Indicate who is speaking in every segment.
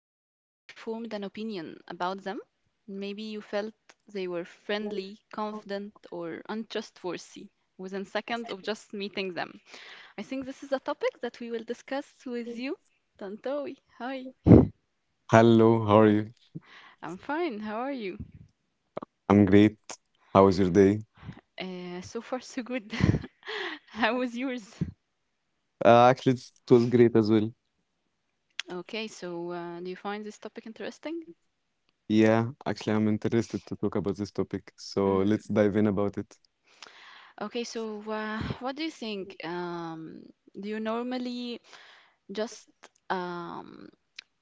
Speaker 1: and instantly formed an opinion about them? Maybe you felt they were friendly, confident, or untrustworthy within seconds of just meeting them. I think this is a topic that we will discuss with you. Tantowi, hi.
Speaker 2: Hello, how are you?
Speaker 1: I'm fine. How are you?
Speaker 2: I'm great. How was your day?
Speaker 1: So far, so good. How was yours?
Speaker 2: Actually, it was great as well.
Speaker 1: Okay, so do you find this topic interesting?
Speaker 2: Yeah, actually, I'm interested to talk about this topic, so
Speaker 1: Mm.
Speaker 2: let's dive in about it.
Speaker 1: Okay, so what do you think? Do you normally just um,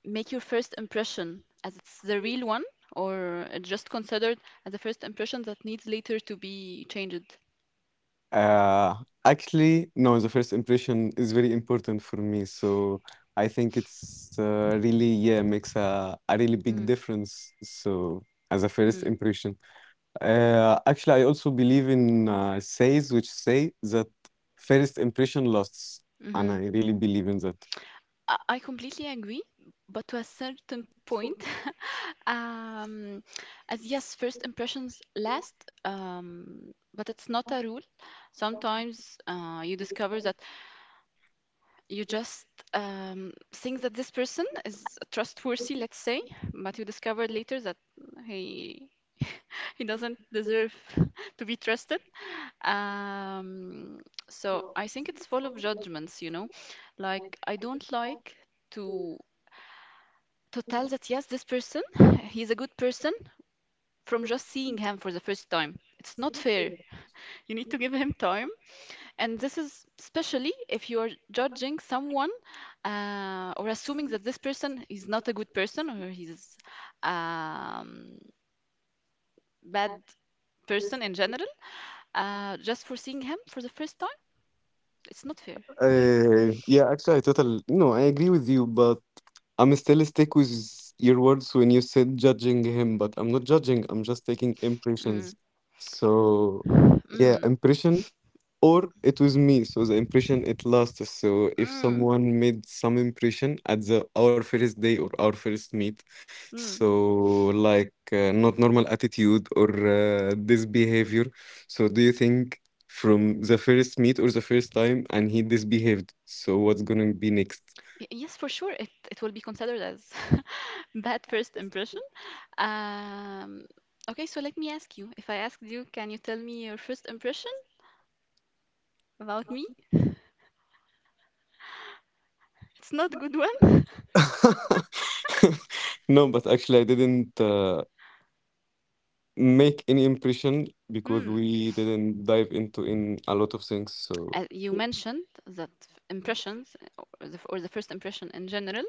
Speaker 1: make your first impression as it's the real one, or it's just considered as a first impression that needs later to be changed.
Speaker 2: Uh, Actually, no, the first impression is very important for me, so I think it's really, yeah, makes a really big
Speaker 1: Mm,
Speaker 2: difference. So, as a first
Speaker 1: mm,
Speaker 2: impression, actually, I also believe in says which say that first impression lasts, and
Speaker 1: mhm.
Speaker 2: I really believe in that.
Speaker 1: I completely agree, but to a certain point. Um, as yes, first impressions last, but it's not a rule. Sometimes you discover that you just think that this person is trustworthy, let's say, but you discover later that he he doesn't deserve to be trusted. Um, so I think it's full of judgments. Like I don't like to to tell that yes, this person he's a good person from just seeing him for the first time. It's not fair. You need to give him time. And this is especially if you're judging someone or assuming that this person is not a good person or he's um, bad person in general, just for seeing him for the first time. It's not fair.
Speaker 2: Yeah, actually, I total no, I agree with you, but I'm still stick with your words when you said judging him, but I'm not judging, I'm just taking
Speaker 1: Mm.
Speaker 2: impressions. So, yeah,
Speaker 1: Mm.
Speaker 2: impression or it was me, so the impression it lasts. So if
Speaker 1: Mm.
Speaker 2: someone made some impression at the our first day or our first meet,
Speaker 1: Mm.
Speaker 2: so like not normal attitude or this behavior. So do you think from the first meet or the first time and he disbehaved? So what's gonna be next?
Speaker 1: Yes, for sure, it will be considered as bad first impression. Um, okay, so let me ask you. If I asked you, can you tell me your first impression about me? It's not a good one.
Speaker 2: No, but actually I didn't make any impression because
Speaker 1: Hmm.
Speaker 2: we didn't dive into in a lot of things. So.
Speaker 1: You mentioned that impressions or the first impression in general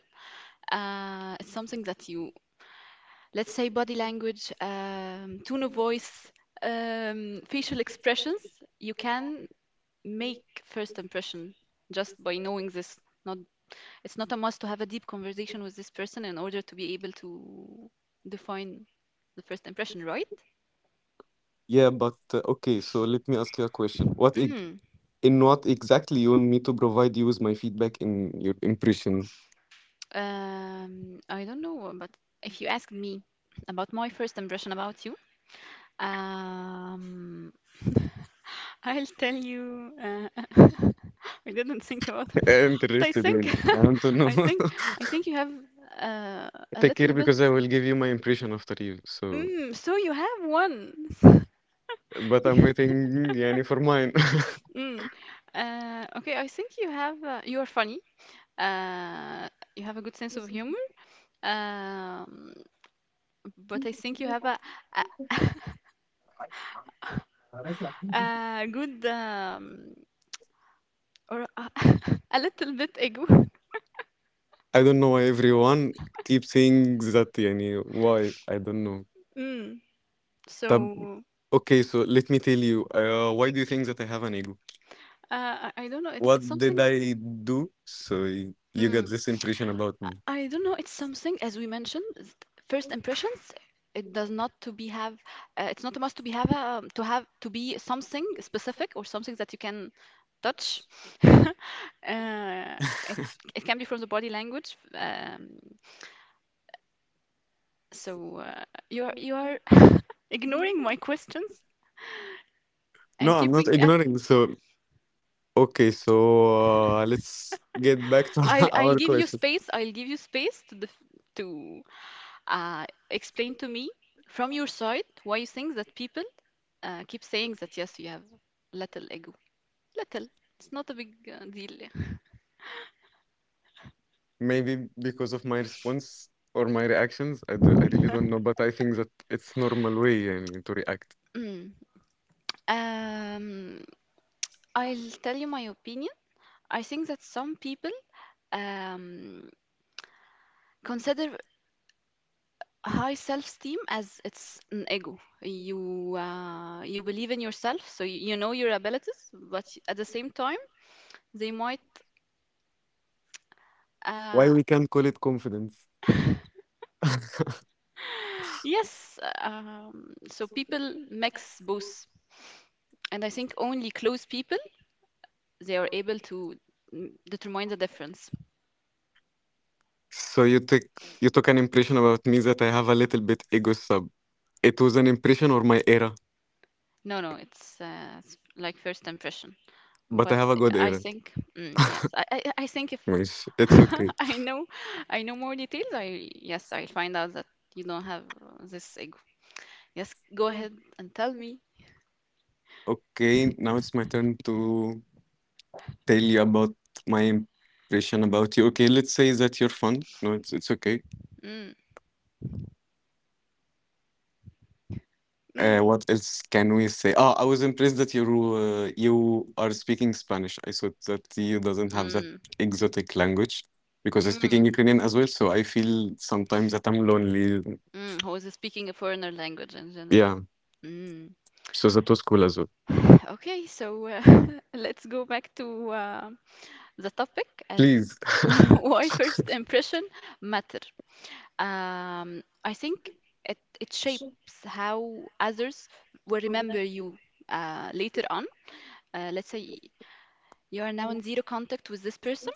Speaker 1: it's something that you let's say body language, tone of voice, facial expressions, you can make first impression just by knowing this. Not, it's not a must to have a deep conversation with this person in order to be able to define the first impression right.
Speaker 2: Yeah, but okay, so let me ask you a question. What ex
Speaker 1: Mm.
Speaker 2: In what exactly you want me to provide you with my feedback in your impression?
Speaker 1: I don't know, but if you ask me about my first impression about you, Um, I'll tell you. I didn't think about it,
Speaker 2: I'm
Speaker 1: but
Speaker 2: interested in. I want to know.
Speaker 1: I think, I think you have uh, a
Speaker 2: Take care
Speaker 1: little bit.
Speaker 2: because I will give you my impression after you. So,
Speaker 1: Mm, so you have one.
Speaker 2: but I'm waiting, يعني, for mine.
Speaker 1: Mm. Okay, I think you have. You are funny. Uh, you have a good sense of humor. Um, but I think you have a a good or a, a little bit ego.
Speaker 2: I don't know why everyone keeps saying that, يعني, why? I don't know.
Speaker 1: Mm.
Speaker 2: طب,
Speaker 1: So
Speaker 2: okay, so let me tell you. Why do you think that I have an ego?
Speaker 1: I don't know. It's
Speaker 2: What
Speaker 1: it's
Speaker 2: did
Speaker 1: something.
Speaker 2: I do? So you got
Speaker 1: Mm,
Speaker 2: this impression about me.
Speaker 1: I don't know. It's something as we mentioned. Is first impressions. It does not to be have. It's not a must to be to have to be something specific or something that you can touch. uh, it it can be from the body language. So uh, you are ignoring my questions
Speaker 2: No,
Speaker 1: and
Speaker 2: I'm not
Speaker 1: keeping.
Speaker 2: ignoring. So, okay, so let's get back to
Speaker 1: I'll I'll
Speaker 2: our
Speaker 1: give you
Speaker 2: question.
Speaker 1: space. I'll give you space to def to uh, explain to me from your side why you think that people keep saying that yes, you have little ego. Little. It's not a big deal. Yeah.
Speaker 2: Maybe because of my response or my reactions, I really don't know, but I think that it's normal way يعني, to react.
Speaker 1: Mm. Um, I'll tell you my opinion. I think that some people um, consider high self-esteem as it's an ego. You believe in yourself, so you know your abilities, but at the same time, they might
Speaker 2: Why
Speaker 1: uh,
Speaker 2: we can call it confidence?
Speaker 1: yes. So people mix both. And I think only close people they are able to, determine the difference.
Speaker 2: So you took an impression about me that I have a little bit ego sub. It was an impression or my era,
Speaker 1: No, no, it's like first impression.
Speaker 2: but I
Speaker 1: But
Speaker 2: have a good era.
Speaker 1: yes, I think if
Speaker 2: ماشي, it's okay.
Speaker 1: I know, I know more details. I yes, I'll find out that you don't have this ego. Yes, go ahead and tell me.
Speaker 2: Okay, now it's my turn to tell you about my impression about you. Okay, let's say that you're fun. No, it's okay.
Speaker 1: Mm, mm,
Speaker 2: What else can we say? Oh, I was impressed that you are speaking Spanish. I thought that you doesn't have that
Speaker 1: mm,
Speaker 2: exotic language because I speak in
Speaker 1: mm,
Speaker 2: Ukrainian as well. So I feel sometimes that I'm lonely.
Speaker 1: mm. Who is speaking a foreigner language in general?
Speaker 2: Yeah.
Speaker 1: Mm.
Speaker 2: So that was cool as well.
Speaker 1: Okay, so let's go back to the topic as
Speaker 2: Please.
Speaker 1: why first impression matter. I think it shapes how others will remember you later on. Let's say you are now in zero contact with this person,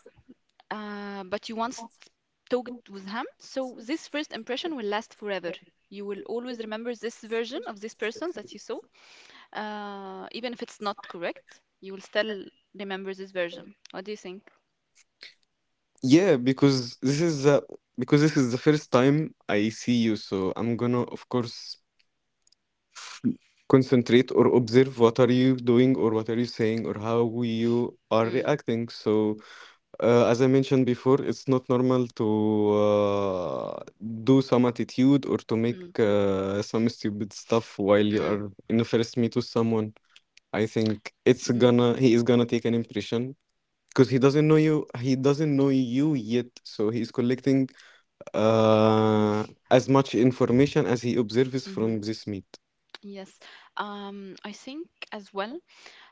Speaker 1: but you once talked with him. So this first impression will last forever. You will always remember this version of this person that you saw, even if it's not correct. You will still remember this version. What do you think?
Speaker 2: Yeah, because this is the because this is the first time I see you, so I'm gonna, of course, concentrate or observe what are you doing or what are you saying or how you are
Speaker 1: Mm,
Speaker 2: reacting. So, as I mentioned before, it's not normal to uh, do some attitude or to make
Speaker 1: mm,
Speaker 2: some stupid stuff while you
Speaker 1: mm,
Speaker 2: are in the first meet with someone. I think it's
Speaker 1: mm.
Speaker 2: gonna he is gonna take an impression because he doesn't know you. He doesn't know you yet, so he's collecting uh, as much information as he observes
Speaker 1: Mhm.
Speaker 2: from this meet.
Speaker 1: Yes. I think as well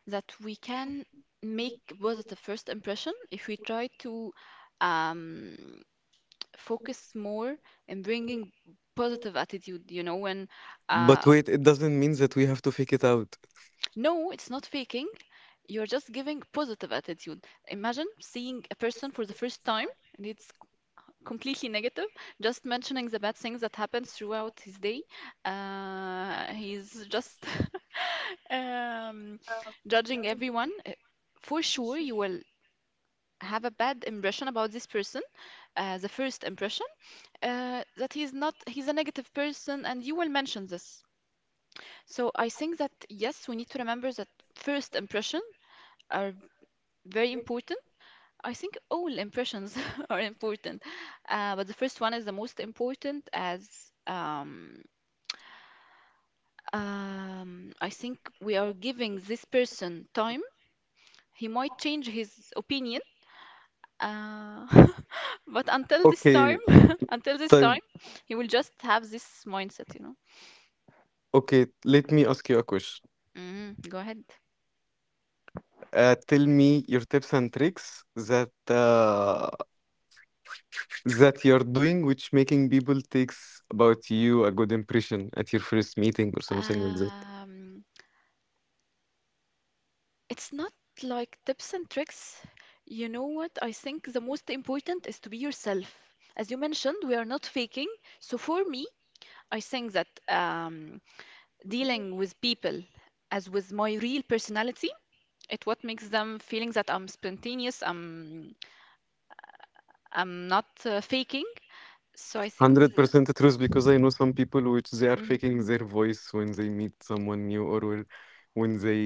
Speaker 1: that we can make positive first impression if we try to um, focus more in bringing positive attitude, you know, when uh,
Speaker 2: But wait, it doesn't mean that we have to fake it out.
Speaker 1: no, it's not faking. You're just giving positive attitude. Imagine seeing a person for the first time and it's completely negative, just mentioning the bad things that happens throughout his day. He's just um, judging everyone. For sure, you will have a bad impression about this person, the first impression, that he's not, he's a negative person, and you will mention this. So I think that yes, we need to remember that first impression are very important. I think all impressions are important, but the first one is the most important as I think we are giving this person time. He might change his opinion, uh, but
Speaker 2: Okay,
Speaker 1: until this
Speaker 2: طيب
Speaker 1: time, he will just have this mindset, you know.
Speaker 2: okay, let me ask you a question.
Speaker 1: Mm, go ahead.
Speaker 2: Tell me your tips and tricks that you're doing which making people takes about you a good impression at your first meeting or something like that.
Speaker 1: Um, It's not like tips and tricks. You know what? I think the most important is to be yourself. As you mentioned, we are not faking. So for me, I think that dealing with people as with my real personality, it what makes them feeling that I'm spontaneous, I'm not faking. So I think
Speaker 2: 100% truth because I know some people which they are
Speaker 1: mm,
Speaker 2: faking their voice when they meet someone new or when they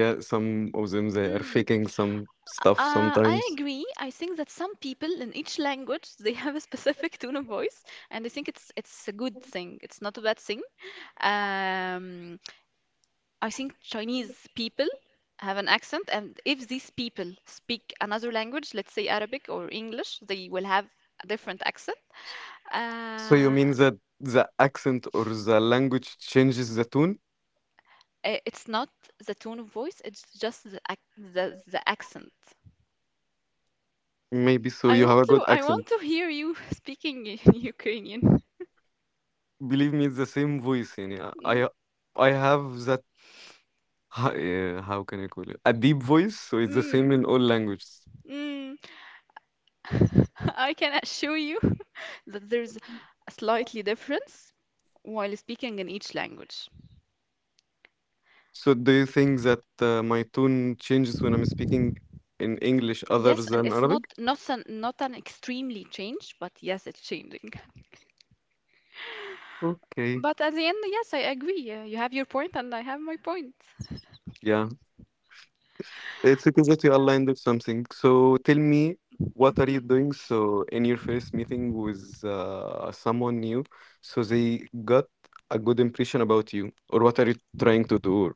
Speaker 2: yeah, some of them they are
Speaker 1: mm.
Speaker 2: faking some stuff sometimes.
Speaker 1: I agree. I think that some people in each language they have a specific tone of voice, and I think it's a good thing. It's not a bad thing. Um, I think Chinese people have an accent, and if these people speak another language, let's say Arabic or English, they will have a different accent.
Speaker 2: So you
Speaker 1: Uh,
Speaker 2: mean that the accent or the language changes the tone?
Speaker 1: it's not the tone of voice; it's just the the accent.
Speaker 2: Maybe so you have a good
Speaker 1: I
Speaker 2: accent.
Speaker 1: want to hear you speaking in Ukrainian.
Speaker 2: Believe me, it's the same voice. يعني
Speaker 1: Mm,
Speaker 2: I have that how can I call it? A deep voice, so it's the same
Speaker 1: mm,
Speaker 2: in all languages.
Speaker 1: mm. I can assure you that there's a slightly difference while speaking in each language.
Speaker 2: So do you think that my tone changes when I'm speaking in English other
Speaker 1: Yes, and
Speaker 2: than
Speaker 1: it's
Speaker 2: Arabic?
Speaker 1: not an extremely change, but yes, it's changing.
Speaker 2: Okay.
Speaker 1: But at the end, yes, I agree. You have your point, and I have my point.
Speaker 2: Yeah. It's okay that you aligned with something. So tell me, what are you
Speaker 1: Mhm.
Speaker 2: doing? So in your first meeting with someone new, so they got a good impression about you, or what are you trying to do? Or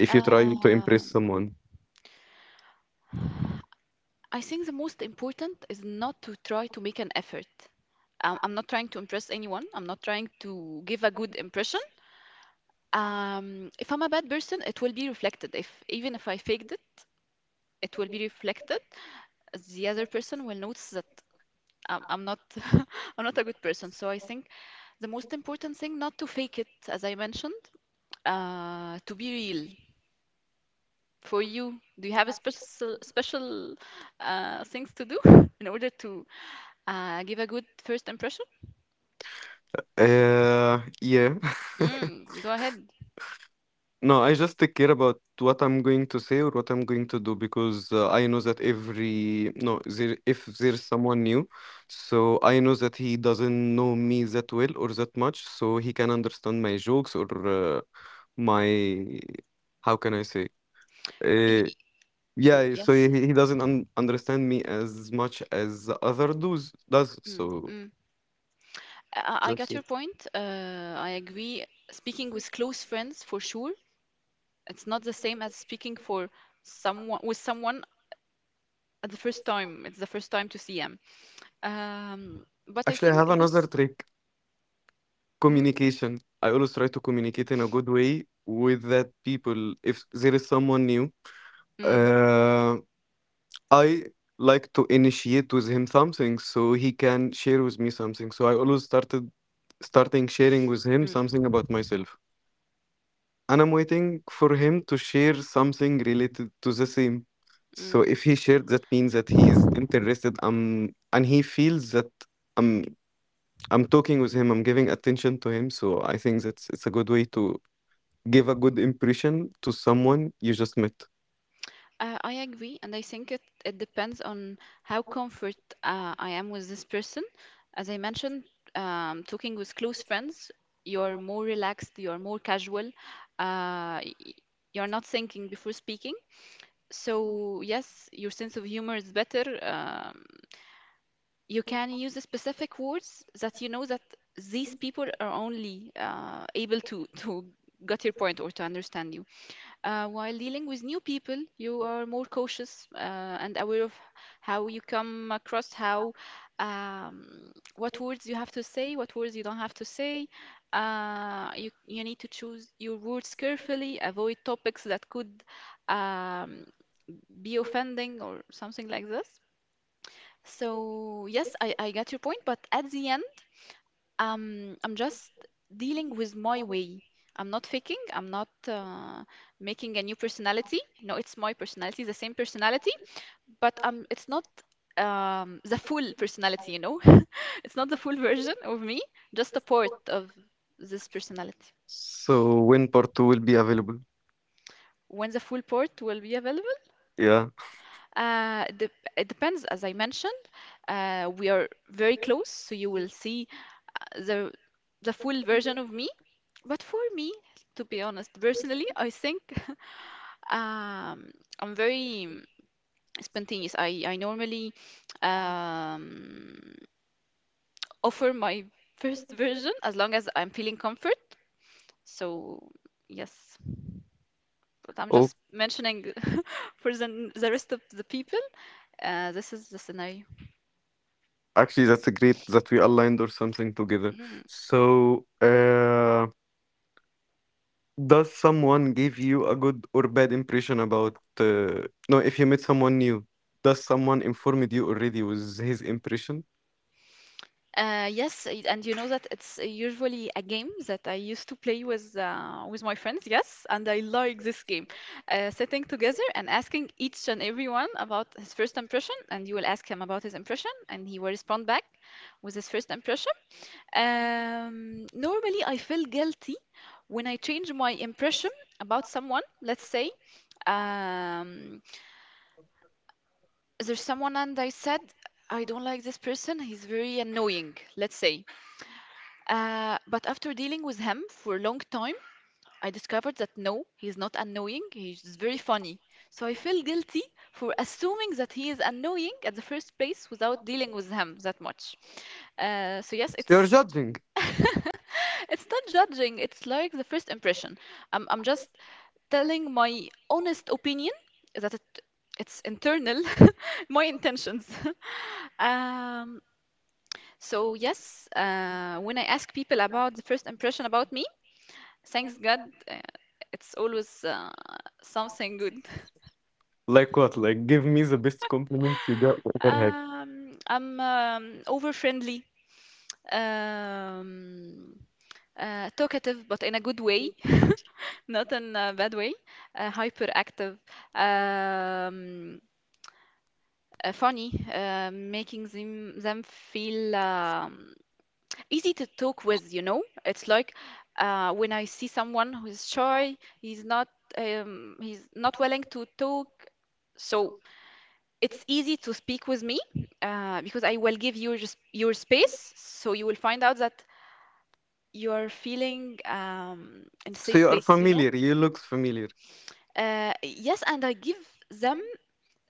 Speaker 2: if you try to impress
Speaker 1: Um,
Speaker 2: someone,
Speaker 1: I think the most important is not to try to make an effort. I'm not trying to impress anyone. I'm not trying to give a good impression. If I'm a bad person, it will be reflected. If even if I faked it, it will be reflected. The other person will notice that I'm not I'm not a good person. So I think the most important thing, not to fake it, as I mentioned, to be real. For you, do you have a special things to do in order to give a good first impression?
Speaker 2: yeah.
Speaker 1: Mm, go ahead.
Speaker 2: No, I just take care about what I'm going to say or what I'm going to do because I know that every no, there if there's someone new, so I know that he doesn't know me that well or that much, so he can understand my jokes or my how can I say?
Speaker 1: Y-
Speaker 2: Uh, yeah, so
Speaker 1: yes.
Speaker 2: he doesn't un understand me as much as the other does.
Speaker 1: Mm,
Speaker 2: So
Speaker 1: mm. I
Speaker 2: that's
Speaker 1: got
Speaker 2: it.
Speaker 1: your point. I agree. Speaking with close friends, for sure, it's not the same as speaking for someone at the first time. It's the first time to see them. But I
Speaker 2: Actually, I have
Speaker 1: think
Speaker 2: another
Speaker 1: this.
Speaker 2: trick.
Speaker 1: Mm,
Speaker 2: Communication. I always try to communicate in a good way with that people if there is someone new.
Speaker 1: mm,
Speaker 2: Uh, I like to initiate with him something so he can share with me something. So I always started starting sharing with him
Speaker 1: mm.
Speaker 2: something about myself. And I'm waiting for him to share something related to the same. So
Speaker 1: Mm.
Speaker 2: if he shared, that means that he is interested and he feels that I'm I'm talking with him, I'm giving attention to him. So I think that's it's a good way to give a good impression to someone you just met.
Speaker 1: I agree, and I think it depends on how comfort I am with this person. As I mentioned, talking with close friends, you're more relaxed, you're more casual, uh, y- you're not thinking before speaking. So, yes, your sense of humor is better. You can use the specific words that you know that these people are only able to get your point or to understand you. While dealing with new people, you are more cautious and aware of how you come across, how um, what words you have to say, what words you don't have to say. You need to choose your words carefully, avoid topics that could um, be offending or something like this. So yes, I get your point, but at the end, I'm just dealing with my way. I'm not faking. I'm not making a new personality. No, it's my personality, the same personality, but it's not the full personality, you know? It's not the full version of me, just a part of this personality.
Speaker 2: So when part two will be available?
Speaker 1: When the full port will be available,
Speaker 2: Yeah.
Speaker 1: it it depends. As I mentioned, we are very close, so you will see uh, the full version of me. But for me, to be honest, personally, I think Um, I'm very spontaneous. I normally um, offer my first version as long as I'm feeling comfort. So, yes, but I'm
Speaker 2: Oh,
Speaker 1: just mentioning for the rest of the people. This is the scenario.
Speaker 2: actually, that's a great that we aligned or something together.
Speaker 1: Mm-hmm.
Speaker 2: So, does someone give you a good or bad impression about? No, if you met someone new, does someone informed you already with his impression?
Speaker 1: Yes, and you know that it's usually a game that I used to play with my friends. Yes, and I like this game. Sitting together and asking each and everyone about his first impression, and you will ask him about his impression, and he will respond back with his first impression. Normally, I feel guilty when I change my impression about someone. Let's say um, there's someone, and I said I don't like this person. He's very annoying. Let's say. But after dealing with him for a long time, I discovered that no, he's not annoying, he's just very funny. So I feel guilty for assuming that he is annoying at the first place without dealing with him that much. So yes,
Speaker 2: You're
Speaker 1: it's
Speaker 2: judging.
Speaker 1: it's not judging, it's like the first impression. I'm just telling my honest opinion that it's internal, my intentions. Um, so yes, when I ask people about the first impression about me, thanks God, uh, it's always something good.
Speaker 2: Like what? Like, give me the best compliments you got ever had.
Speaker 1: I'm over friendly, um, talkative, but in a good way, not in a bad way. Hyperactive, um, funny, making them feel easy to talk with. You know, it's like when I see someone who's shy, he's not willing to talk. So it's easy to speak with me because I will give you just your space, so you will find out that you are feeling in a
Speaker 2: So
Speaker 1: safe
Speaker 2: you are
Speaker 1: place, you know.
Speaker 2: familiar. You looks familiar.
Speaker 1: Yes, and I give them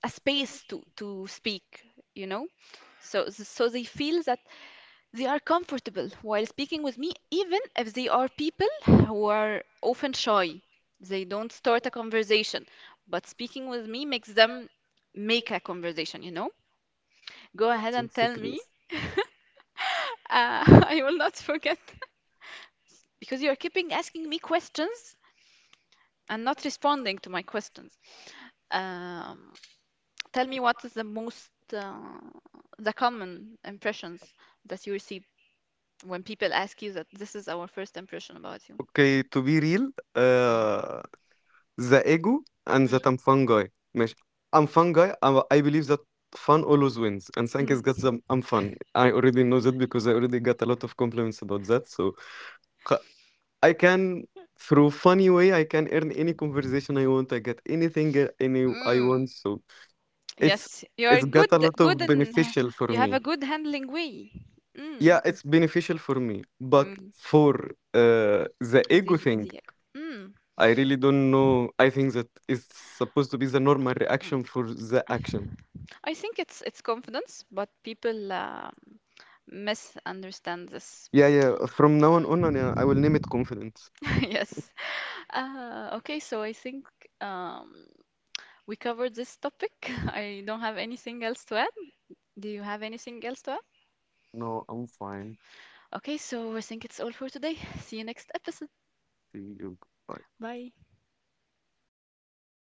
Speaker 1: a space to speak, you know, so so they feel that they are comfortable while speaking with me, even if they are people who are often shy. They don't start a conversation, but speaking with me makes them make a conversation, you know. Go ahead and
Speaker 2: That's
Speaker 1: tell me.
Speaker 2: great.
Speaker 1: Uh, I will not forget because you are keeping asking me questions and not responding to my questions. Um, tell me what is the most the common impressions that you receive when people ask you that this is our first impression about you.
Speaker 2: Okay, to be real,
Speaker 1: Mm.
Speaker 2: uh, the ego and
Speaker 1: Mm.
Speaker 2: that I'm fun guy. ماشي. I'm fun guy. I believe that fun always wins. And thank is just
Speaker 1: Mm.
Speaker 2: I'm fun. I already know that because I already got a lot of compliments about that. So خ- I can, through funny way, I can earn any conversation I want. I get anything any I
Speaker 1: Mm.
Speaker 2: want. So it's
Speaker 1: Yes, you are
Speaker 2: it's got a
Speaker 1: good,
Speaker 2: lot of
Speaker 1: good, and
Speaker 2: beneficial for
Speaker 1: you have
Speaker 2: me.
Speaker 1: a good handling way.
Speaker 2: Yeah,
Speaker 1: Mm.
Speaker 2: it's beneficial for me. But
Speaker 1: Mm.
Speaker 2: for uh, the ego
Speaker 1: The,
Speaker 2: thing,
Speaker 1: the, mm.
Speaker 2: I really don't know. I think that is supposed to be the normal
Speaker 1: Mm.
Speaker 2: reaction for the action.
Speaker 1: I think it's confidence, but people. Misunderstand this.
Speaker 2: Yeah, yeah. From now on, yeah, I will name it confidence.
Speaker 1: Yes. Okay, so I think um, we covered this topic. I don't have anything else to add. Do you have anything else to add?
Speaker 2: No, I'm fine.
Speaker 1: Okay, so I think it's all for today. See you next episode.
Speaker 2: See you. Bye.
Speaker 1: Bye.